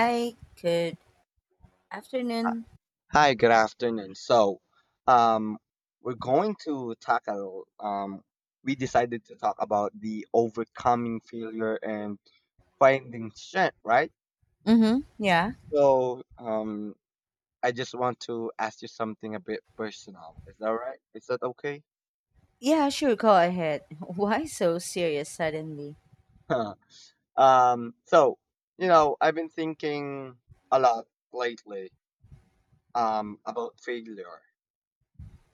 Hi, good Uh, afternoon. Hi, good afternoon. So, um, we're going to talk a l- um, we decided to talk about the overcoming failure and finding strength, right? Mm-hmm. Yeah. So, I just want to ask you something a bit personal. Is that right? Is that okay? Yeah, sure, go ahead. Why so serious suddenly? Huh. So, I've been thinking a lot lately, about failure.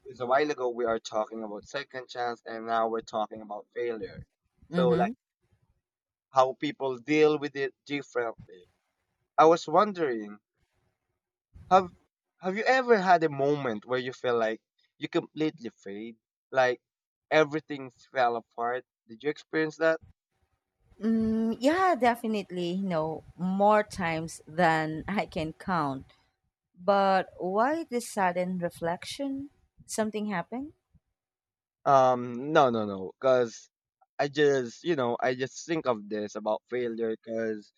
Because a while ago we are talking about second chance, and now we're talking about failure. So, Mm-hmm. like, how people deal with it differently. I was wondering, have have you ever had a moment where you feel like you completely failed, like everything fell apart? Did you experience that? Mm, yeah, definitely, you know, more times than I can count. But why this sudden reflection? Something happened? No, no, no, because I just think of this about failure because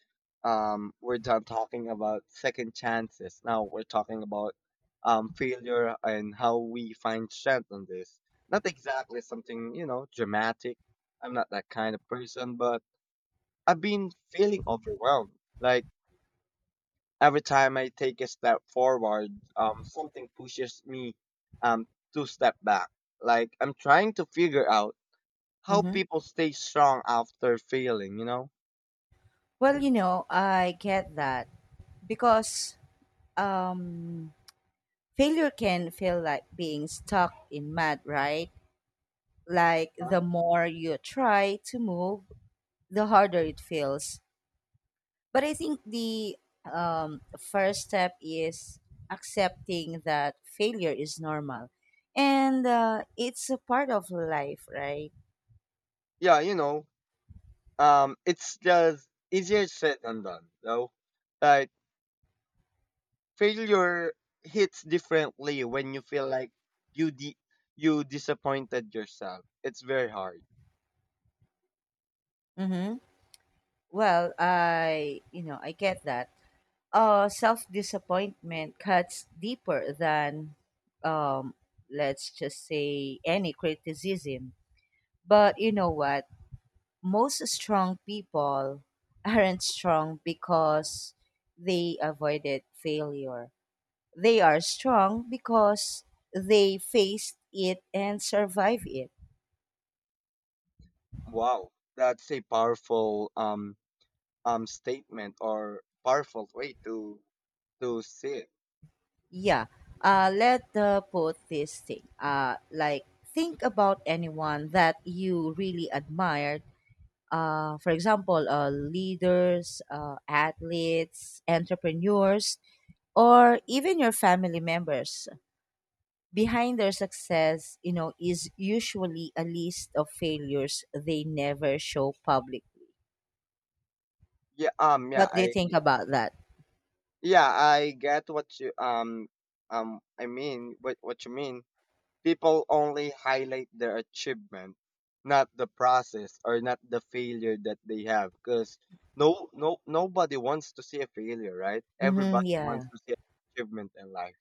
we're done talking about second chances. Now we're talking about failure and how we find strength on this. Not exactly something dramatic. I'm not that kind of person, but I've been feeling overwhelmed. Like every time I take a step forward, something pushes me um, to step back. Like I'm trying to figure out how Mm-hmm. people stay strong after failing, you know? Well, you know, I get that because um, failure can feel like being stuck in mud, right? Like Huh? the more you try to move, the harder it feels. But I think the first step is accepting that failure is normal and it's a part of life, right? Yeah, it's just easier said than done, though. Like failure hits differently when you feel like you di- you disappointed yourself. It's very hard. Mm-hmm. Well, I, you know, I get that. Self disappointment cuts deeper than, um, let's just say, any criticism. But you know what? Most strong people aren't strong because they avoided failure. They are strong because they faced it and survived it. Wow, that's a powerful statement, or powerful way to see it. Yeah. Let the put this thing. Like think about anyone that you really admired. For example, leaders, athletes, entrepreneurs, or even your family members. Behind their success, you know, is usually a list of failures they never show publicly. Yeah, yeah, What do you I think about that? yeah I get what you I mean, what you mean. People only highlight their achievement, not the process or not the failure that they have. Because no, no, nobody wants to see a failure, right? Hmm, Everybody wants yeah. to see achievement in life.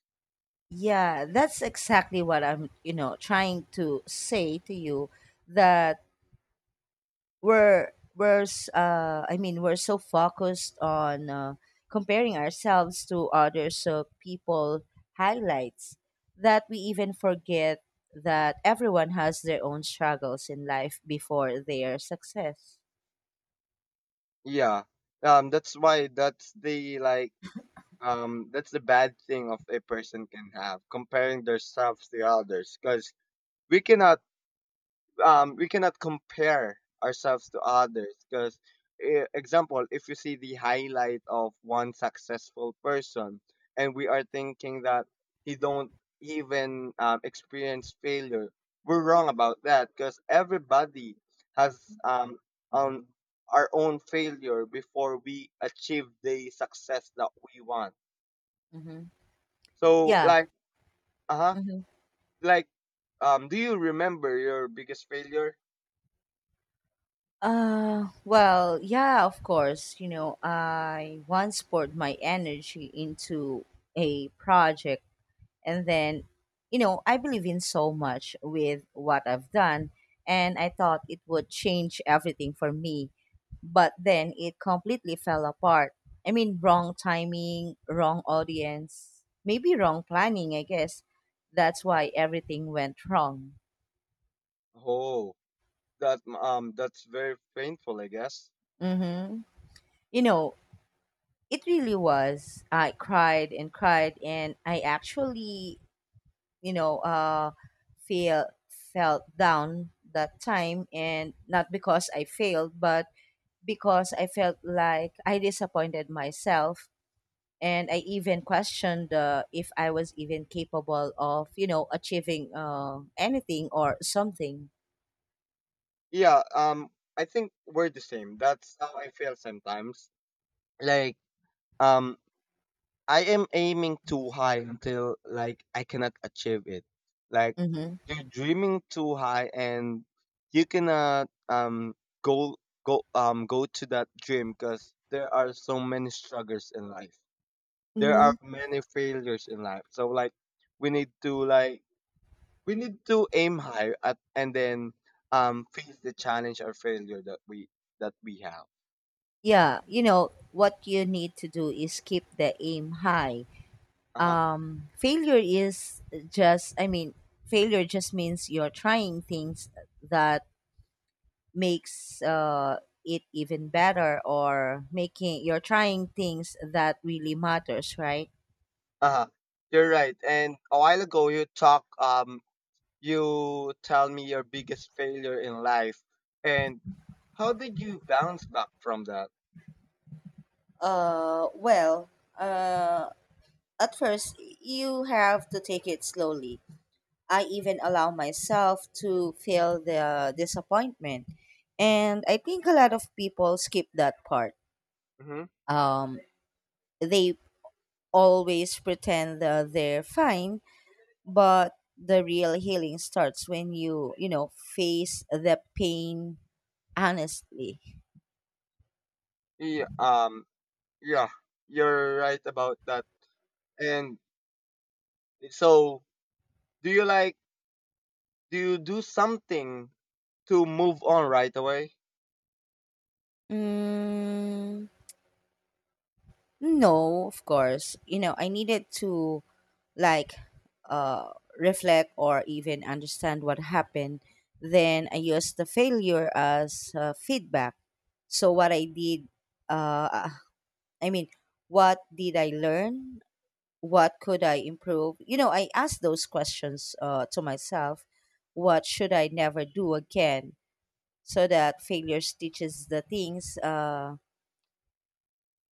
Yeah, that's exactly what I'm, you know, trying to say to you that I mean we're so focused on comparing ourselves to others people highlights that we even forget that everyone has their own struggles in life before their success. Yeah. That's why, that's the, like, That's the bad thing of a person can have, comparing themselves to others. Because we cannot we cannot compare ourselves to others because, example, if you see the highlight of one successful person and we are thinking that he don't even experience failure, we're wrong about that because everybody has, on our own failure before we achieve the success that we want. Hmm. So Yeah. like, uh-huh, Hmm. like, do you remember your biggest failure? Well, yeah, of course. You know, I once poured my energy into a project, and then you know I believe in so much with what I've done, and I thought it would change everything for me, but then it completely fell apart. I mean wrong timing, wrong audience, maybe wrong planning, I guess that's why everything went wrong. Oh, that's very painful, I guess. Mm-hmm. You know, it really was. I cried and cried, and I actually, you know, feel felt down that time, and not because I failed, but because I felt like I disappointed myself, and I even questioned if I was even capable of, you know, achieving anything or something. Yeah, I think we're the same. That's how I feel sometimes. Like, um I am aiming too high until, like, I cannot achieve it. Like, Mm-hmm. you're dreaming too high and you cannot go go to that dream because there are so many struggles in life. There are Mm-hmm. many failures in life, so like, we need to like we need to aim high at, and then face the challenge or failure that we have. Yeah, you know what you need to do is keep the aim high. Uh-huh. Failure is just, failure just means you're trying things that makes it even better, or making you're trying things that really matters, right? Uh-huh. You're right. And a while ago you tell me your biggest failure in life, and how did you bounce back from that? Well, at first, you have to take it slowly. I even allow myself to feel the disappointment. And I think a lot of people skip that part. Mm-hmm. Um, they always pretend that they're fine, but the real healing starts when you know, face the pain. Honestly, Yeah, yeah, you're right about that. And so do you like do you do something to move on right away? mm, no, of course. You know, I needed to like reflect or even understand what happened. Then I used the failure as feedback. So what I did, uh, I mean, what did I learn? What could I improve? You know, I asked those questions to myself. What should I never do again? So that failures teaches the things.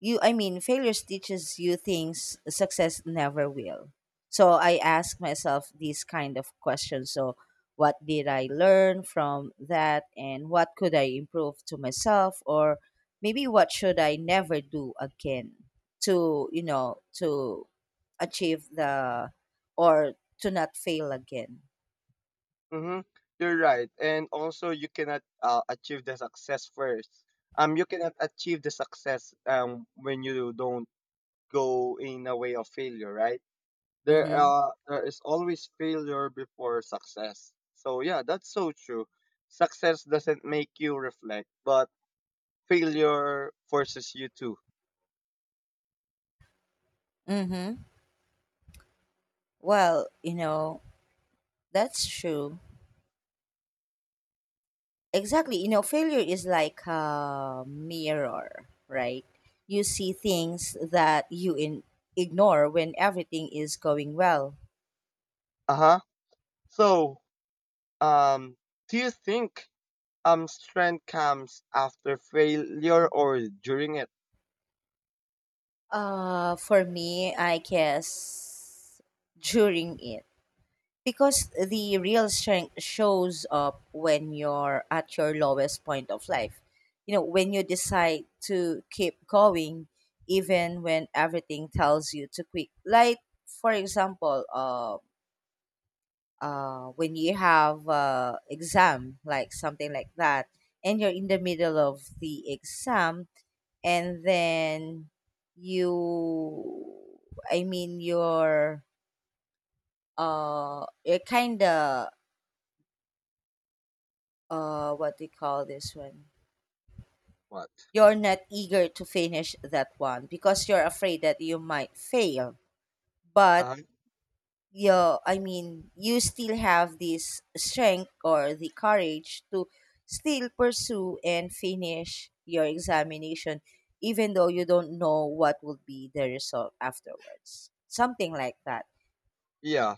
You I mean Failures teaches you things success never will. So I ask myself these kind of questions. So what did I learn from that, and what could I improve to myself, or maybe what should I never do again to, you know, to achieve the, or to not fail again. Mm-hmm. You're right. And also, you cannot achieve the success first. You cannot achieve the success when you don't go in a way of failure, right? There Mm-hmm. uh there is always failure before success. So yeah, that's so true. Success doesn't make you reflect, but failure forces you to. Mm-hmm. Well, you know, that's true. Exactly. You know, failure is like a mirror, right? You see things that ignore when everything is going well. Uh-huh. So, um, do you think strength comes after failure or during it? For me, I guess during it. Because the real strength shows up when you're at your lowest point of life. You know, when you decide to keep going, even when everything tells you to quit. Like, for example, when you have exam, like something like that, and you're in the middle of the exam, and then you i mean you're you're kind of, what do you call this one, What? you're not eager to finish that one because you're afraid that you might fail, but Uh-huh. yeah, I mean, you still have this strength or the courage to still pursue and finish your examination, even though you don't know what will be the result afterwards. Something like that. Yeah.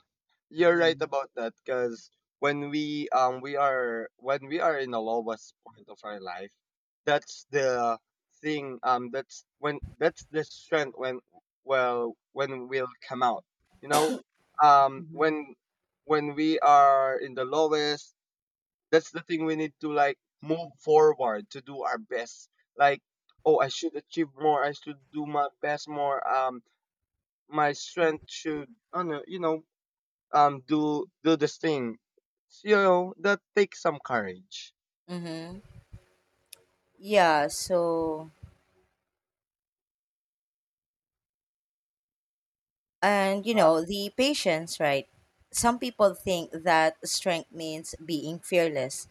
You're right Mm. about that, because when we are in the lowest point of our life, that's the thing that's when, that's the strength, when we'll come out. You know, um Hmm. when when we are in the lowest, that's the thing we need to, like, move forward to do our best. Like, oh, I should achieve more. I should do my best more. My strength should, I don't know, you know, do this thing, you know, that takes some courage. Hmm. Yeah, so, and you Huh. know, the patience, right? Some people think that strength means being fearless,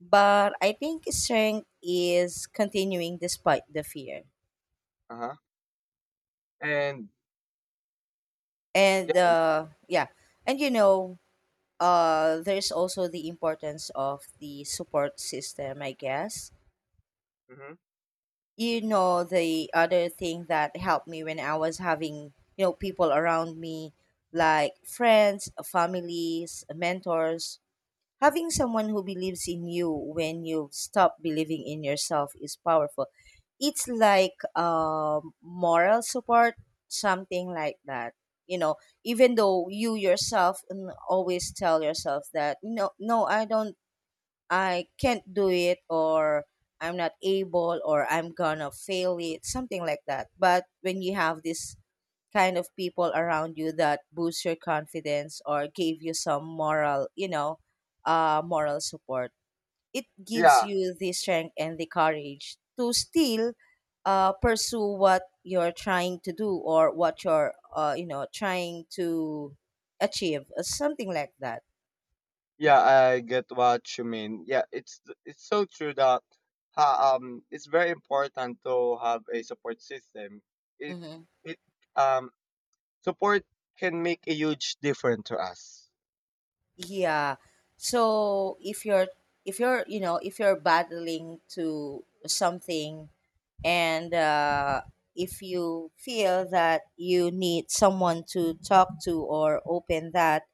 but I think strength is continuing despite the fear. Uh-huh. And, yeah. And yeah, and you know, there's also the importance of the support system, I guess. Hmm. You know, the other thing that helped me when I was having, you know, people around me, like friends, families, mentors. Having someone who believes in you when you stop believing in yourself is powerful. It's like moral support, something like that. You know, even though you yourself mm, always tell yourself that no, no, I don't, I can't do it, or I'm not able, or I'm gonna fail it, something like that. But when you have this kind of people around you that boost your confidence or gave you some moral, you know, moral support. It gives Yeah, you the strength and the courage to still pursue what you're trying to do or what you're, you know, trying to achieve, something like that. yeah, I get what you mean. Yeah, it's so true that, it's very important to have a support system. it Mhm. it um Support can make a huge difference to us. Yeah. So if you're, if you're, you know, if you're battling to something and if you feel that you need someone to talk to or open that,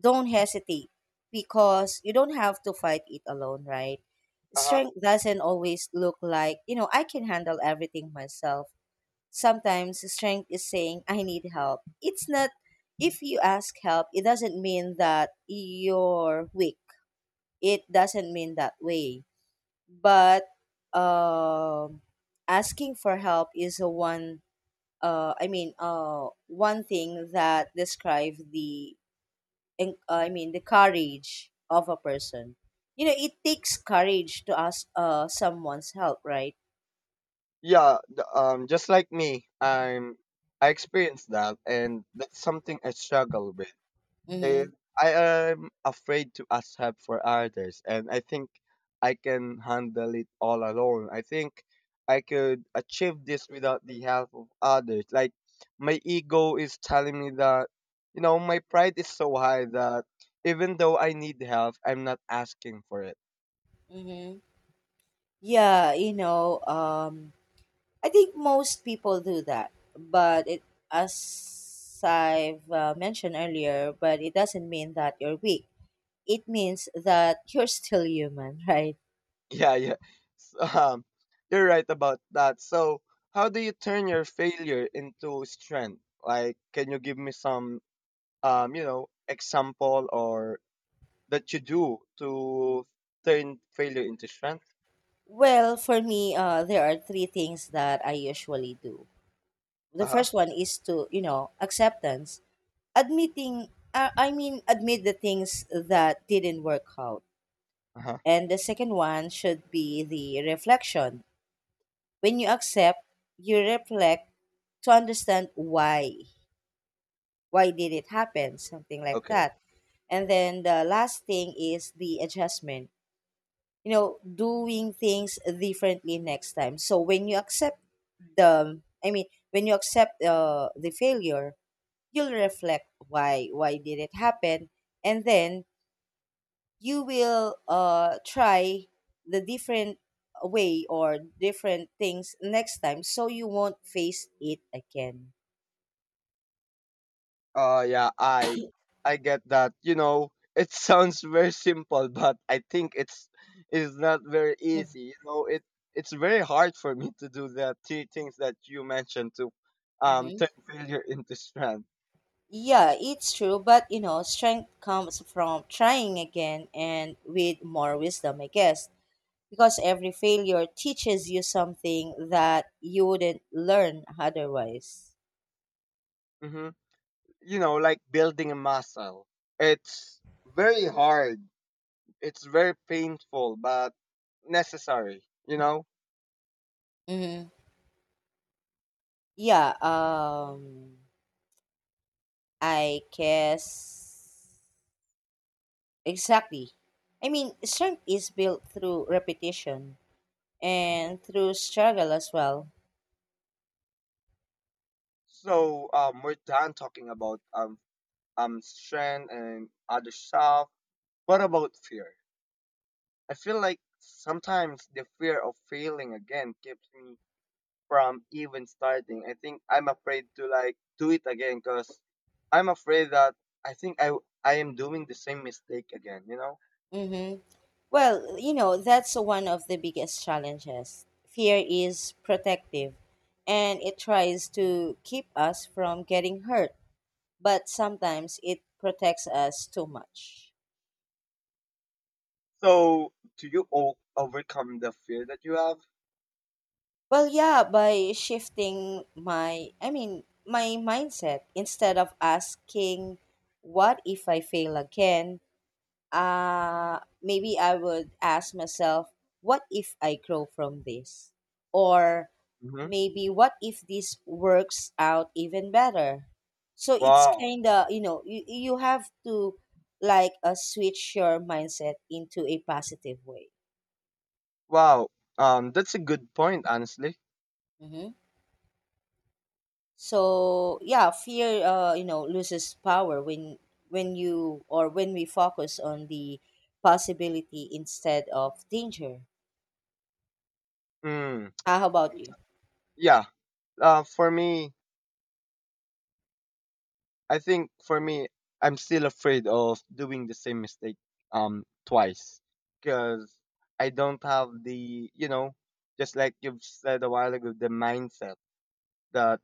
don't hesitate because you don't have to fight it alone, right? Uh-huh. Strength doesn't always look like, you know, I can handle everything myself. Sometimes strength is saying, I need help. It's not, if you ask help, it doesn't mean that you're weak. It doesn't mean that way. But um, asking for help is a one, one thing that describes the, the courage of a person. You know, it takes courage to ask someone's help, right? Yeah, just like me, I experienced that, and that's something I struggle with. Eh, Mm-hmm. I am afraid to ask help for others, and I think I can handle it all alone. I think I could achieve this without the help of others. Like, my ego is telling me that, you know, my pride is so high that, even though I need help, I'm not asking for it. Mm-hmm. Yeah, you know, I think most people do that, but it, as I've mentioned earlier, but it doesn't mean that you're weak. It means that you're still human, right? Yeah, yeah. So, you're right about that. So, how do you turn your failure into strength? Like, can you give me some, example, or that you do to turn failure into strength? Well, for me, there are three things that I usually do. The Uh-huh. first one is to, you know, acceptance, admitting. Admit the things that didn't work out. Uh-huh. And the second one should be the reflection. When you accept, you reflect to understand why did it happen, something like Okay. that. And then the last thing is the adjustment, you know, doing things differently next time. So when you accept the I mean when you accept the failure, you'll reflect why did it happen, and then you will try the different way or different things next time, so you won't face it again. Yeah, I get that. You know, it sounds very simple, but I think it's not very easy. You know, it's very hard for me to do the three things that you mentioned to Mhm. turn failure into strength. Yeah, it's true, but you know, strength comes from trying again and with more wisdom, I guess, because every failure teaches you something that you wouldn't learn otherwise. Hmm. You know, like building a muscle. It's very hard. It's very painful, but necessary. You know. Mm-hmm. Yeah, I guess exactly. I mean, strength is built through repetition and through struggle as well. So, we're done talking about strength and other stuff. What about fear? I feel like sometimes the fear of failing again keeps me from even starting. I think I'm afraid to, like, do it again because I'm afraid that I think I am doing the same mistake again. You know. Mm-hmm. Well, you know, that's one of the biggest challenges. Fear is protective and it tries to keep us from getting hurt, but sometimes it protects us too much. So do you overcome the fear that you have? Well, yeah, by shifting my, I mean, my mindset, instead of asking, what if I fail again? Maybe I would ask myself, what if I grow from this? Or Hmm. maybe what if this works out even better? So it's Wow, kind of, you know, you have to like switch your mindset into a positive way. wow. That's a good point, honestly. Hmm. So yeah, fear, you know, loses power when you, or when we focus on the possibility instead of danger. Mm. Ah, how about you? Yeah. For me, I think for me, I'm still afraid of doing the same mistake twice because I don't have the, you know, just like you've said a while ago, the mindset that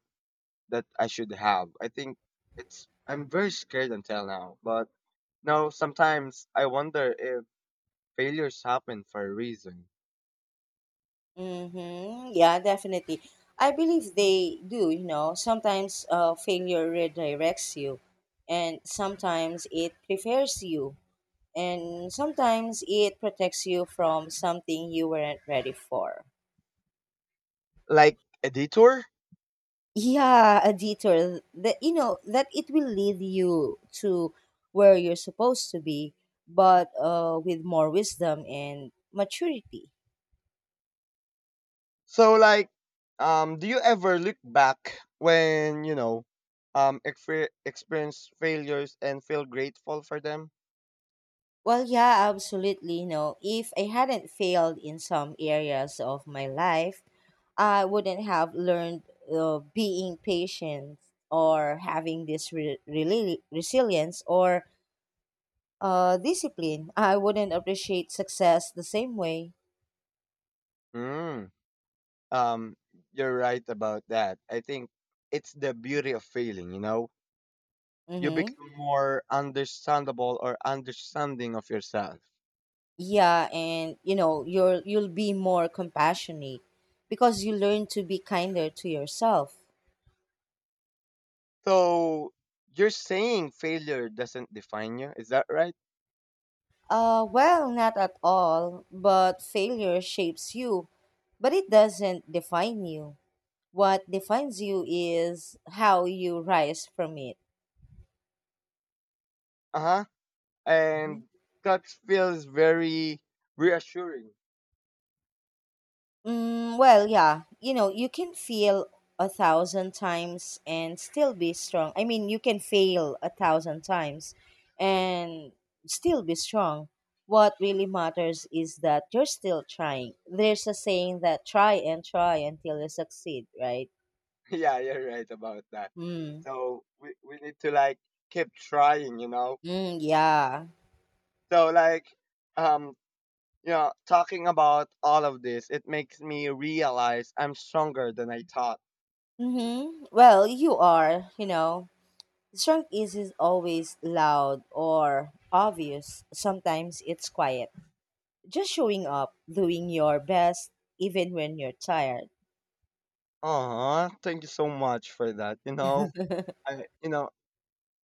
that I should have. I think it's I'm very scared until now, but no, sometimes I wonder if failures happen for a reason, Mm-hmm. Yeah, definitely. I believe they do, you know. Sometimes failure redirects you, and sometimes it prepares you, and sometimes it protects you from something you weren't ready for. like a detour. Yeah, a detour that, you know, that it will lead you to where you're supposed to be, but with more wisdom and maturity. So like, do you ever look back when, you know, experience failures, and feel grateful for them? Well, yeah, absolutely. No, if I hadn't failed in some areas of my life, I wouldn't have learned being patient, or having this resilience, or discipline. I wouldn't appreciate success the same way. Mm. Um, you're right about that. I think it's the beauty of failing. You know, you Mm-hmm. become more understandable, or understanding of yourself. Yeah, and you know, you'll be more compassionate because you learn to be kinder to yourself. So you're saying failure doesn't define you. Is that right? Well, not at all, but failure shapes you, but it doesn't define you. What defines you is how you rise from it. Uh huh. And that feels very reassuring. Mm, well, yeah, you know, you can fail a thousand times and still be strong. I mean, you can fail a thousand times and still be strong. What really matters is that you're still trying. There's a saying that try and try until you succeed, right? Yeah, you're right about that. Hmm. So we need to, like, keep trying, you know. Mm, yeah. So like, um you know, talking about all of this, it makes me realize I'm stronger than I thought. Mm-hmm. Well, you are, you know. Strong is always loud or obvious. Sometimes it's quiet. Just showing up, doing your best, even when you're tired. Aw, thank you so much for that. You know, I you know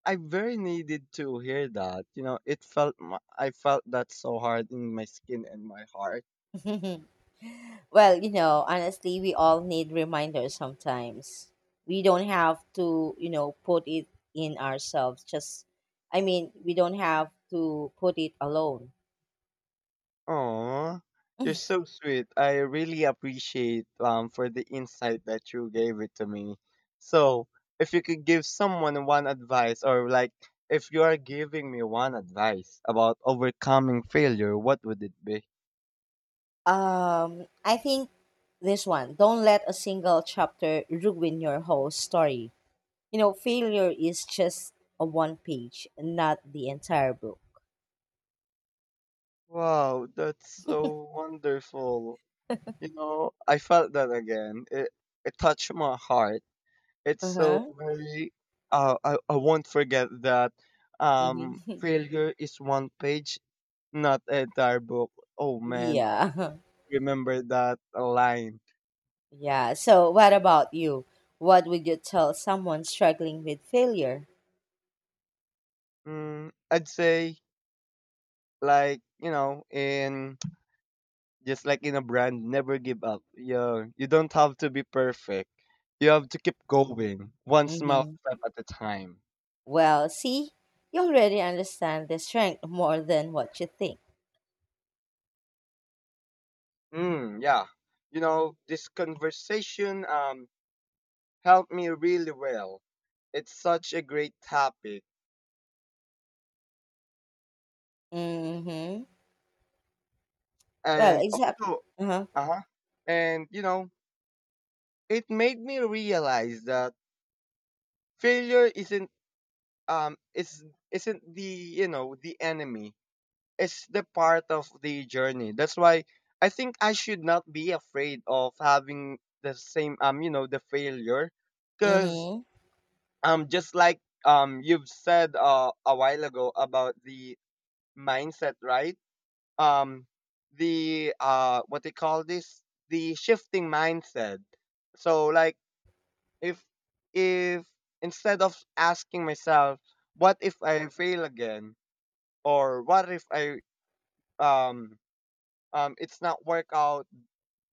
I very needed to hear that. You know, I felt that so hard in my skin and my heart. Well, you know, honestly, we all need reminders sometimes. We don't have to, you know, put it in ourselves. We don't have to put it alone. Aw, you're so sweet. I really appreciate for the insight that you gave it to me. So, if you could give someone one advice, or like, if you are giving me one advice about overcoming failure, what would it be? I think this one. Don't let a single chapter ruin your whole story. You know, failure is just a one page, not the entire book. Wow, that's so wonderful. You know, I felt that again. It touched my heart. It's Uh so huh. very, I won't forget that, Mm-hmm. failure is one page. Not entire book. Oh man, I Yeah. remember that line. Yeah. So, what about you? What would you tell someone struggling with failure? Mm, I'd say, like, you know, in just like in a brand, never give up. Yeah, you don't have to be perfect. You have to keep going, one small Mm-hmm. step at a time. Well, see, you already understand the strength more than what you think. Mm, yeah, you know this conversation helped me really well. It's such a great topic, Mm-hmm. Well, and exactly. also, Uh huh. uh huh, and you know, it made me realize that failure isn't um is isn't the, you know, the enemy. It's the part of the journey. That's why I think I should not be afraid of having the same, you know, the failure, because Mm-hmm. Just like, you've said, a while ago about the mindset, right? um the, what they call this, the shifting mindset. So like, if if instead of asking myself, what if I fail again, or what if I, um it's not work out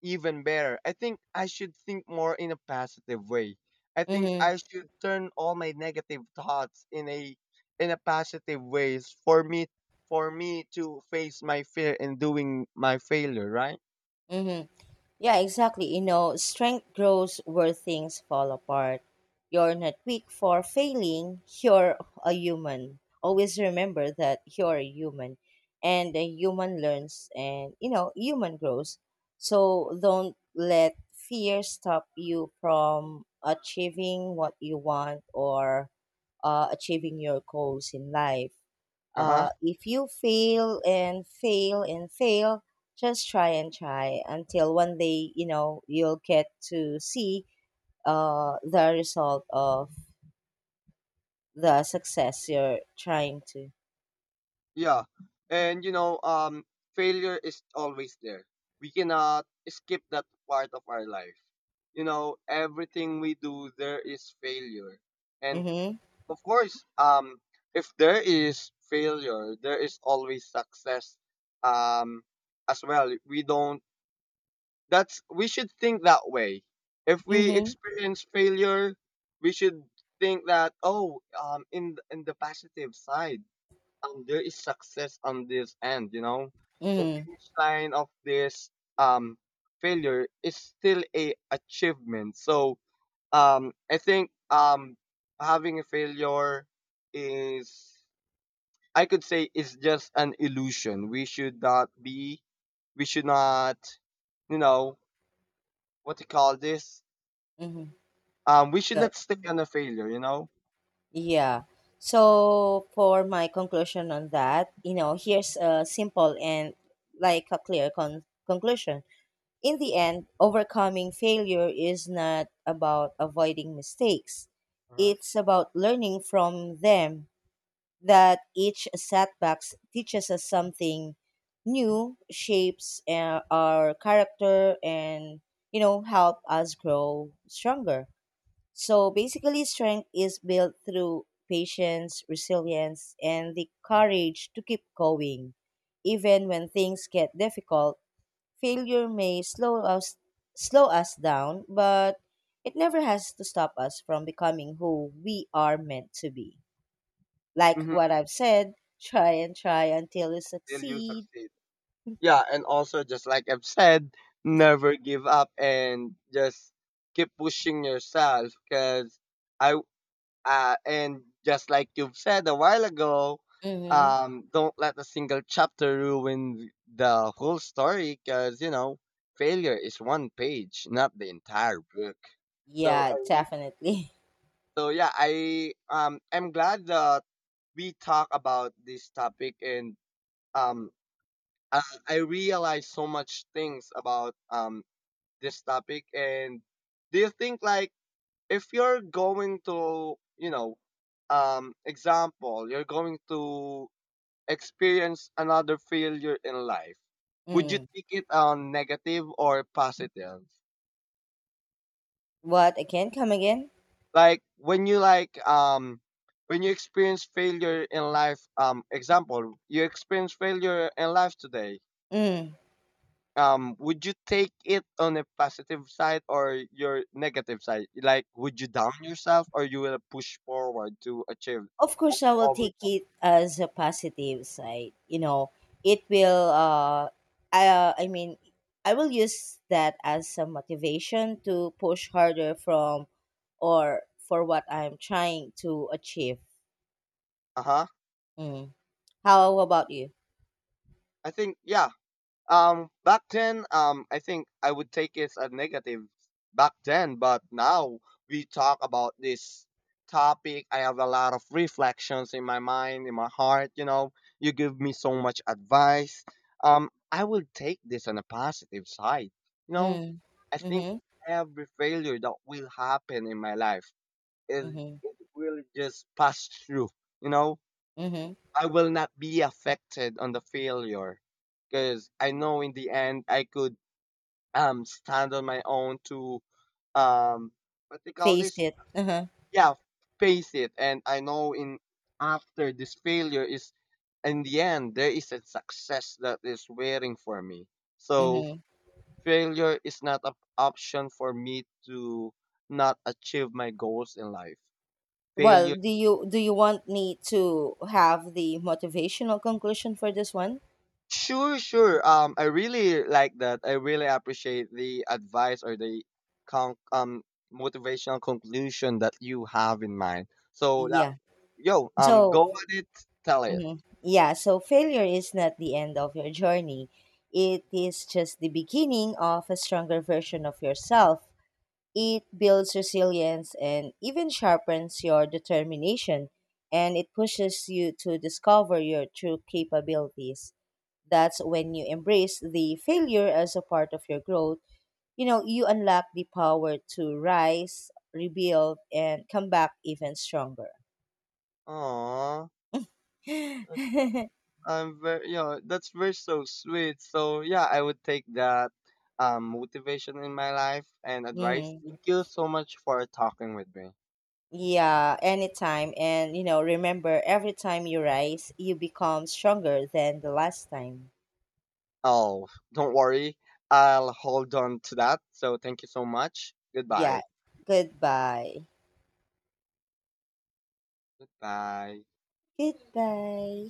even better. I think I should think more in a positive way. I think Mm-hmm. I should turn all my negative thoughts in a, in a positive ways, for me to face my fear in doing my failure, right? Mm-hmm. Yeah, exactly. You know, strength grows where things fall apart. You're not weak for failing. You're a human. Always remember that you're a human, and a human learns, and, you know, human grows. So don't let fear stop you from achieving what you want, or achieving your goals in life. Uh huh. If you fail and fail and fail, just try and try until one day, you know, you'll get to see the result of the success you're trying to. Yeah. And you know, failure is always there. We cannot skip that part of our life. You know, everything we do, there is failure. And Mm-hmm. of course, if there is failure, there is always success, um, as well. We should think that way. If we Mm-hmm. experience failure, we should think that, oh, in the positive side, there is success on this end, you know. The Mm-hmm. finish line of this um failure is still a achievement. So, I think, having a failure is, I could say, is just an illusion. We should not, you know, what do you call this, Mm-hmm. We should Good. not stay on a failure, you know. Yeah. So for my conclusion on that, you know, here's a simple and like a clear conclusion. In the end, overcoming failure is not about avoiding mistakes. Uh-huh. It's about learning from them, that each setback teaches us something new, shapes our character, and you know, help us grow stronger. So basically strength is built through patience, resilience, and the courage to keep going even when things get difficult. Failure may slow us down, but it never has to stop us from becoming who we are meant to be. Like Hmm. what I've said, try and try until you Till you succeed. succeed. Yeah, and also just like I've said, never give up, and just keep pushing yourself. Cause I and just like you've said a while ago, Mm-hmm. Don't let a single chapter ruin the whole story because, you know, failure is one page, not the entire book. So, Yeah, definitely. Yeah, I'm glad that we talk about this topic, and um, I, I realized so much things about, this topic. And do you think, like, if you're going to, you know, example, you're going to experience another failure in life, would you Mm. take it on negative or positive? What again? Come again? Like when you, like, when you experience failure in life, example, you experience failure in life today. Mm. Would you take it on a positive side or your negative side? Like, would you down yourself, or you will push forward to achieve, Of like, course, I to will take overcome? it as a positive side. You know, it will. I mean, I will use that as a motivation to push harder from, or for what I'm trying to achieve. Uh huh. Mm. How about you? I think, yeah. Back then, I think I would take it as a negative back then, but now we talk about this topic. I have a lot of reflections in my mind, in my heart. You know, you give me so much advice. I will take this on a positive side. You know, Mm. I think Mhm. every failure that will happen in my life is Mhm. it will just pass through. You know, Mhm. I will not be affected on the failure because I know in the end I could stand on my own to, um what they call Face this, it. Uh-huh. yeah, face it, and I know, in after this failure is, in the end, there is a success that is waiting for me, so Mhm. failure is not an option for me to not achieve my goals in life. Well, Failure. do you want me to have the motivational conclusion for this one? Sure, sure. I really like that. I really appreciate the advice, or the con- um motivational conclusion that you have in mind. So, Yeah. yo, So go at it, tell it. Mhm. Yeah, so failure is not the end of your journey. It is just the beginning of a stronger version of yourself. It builds resilience and even sharpens your determination, and it pushes you to discover your true capabilities. That's when you embrace the failure as a part of your growth. You know, you unlock the power to rise, rebuild, and come back even stronger. Aww, I'm very, you know, that's very so sweet. So yeah, I would take that motivation in my life and advice. Mhm. Thank you so much for talking with me. Yeah, anytime. And, you know, remember, every time you rise, you become stronger than the last time. Oh, don't worry, I'll hold on to that. So thank you so much. Goodbye. Yeah. Goodbye. Goodbye. Goodbye.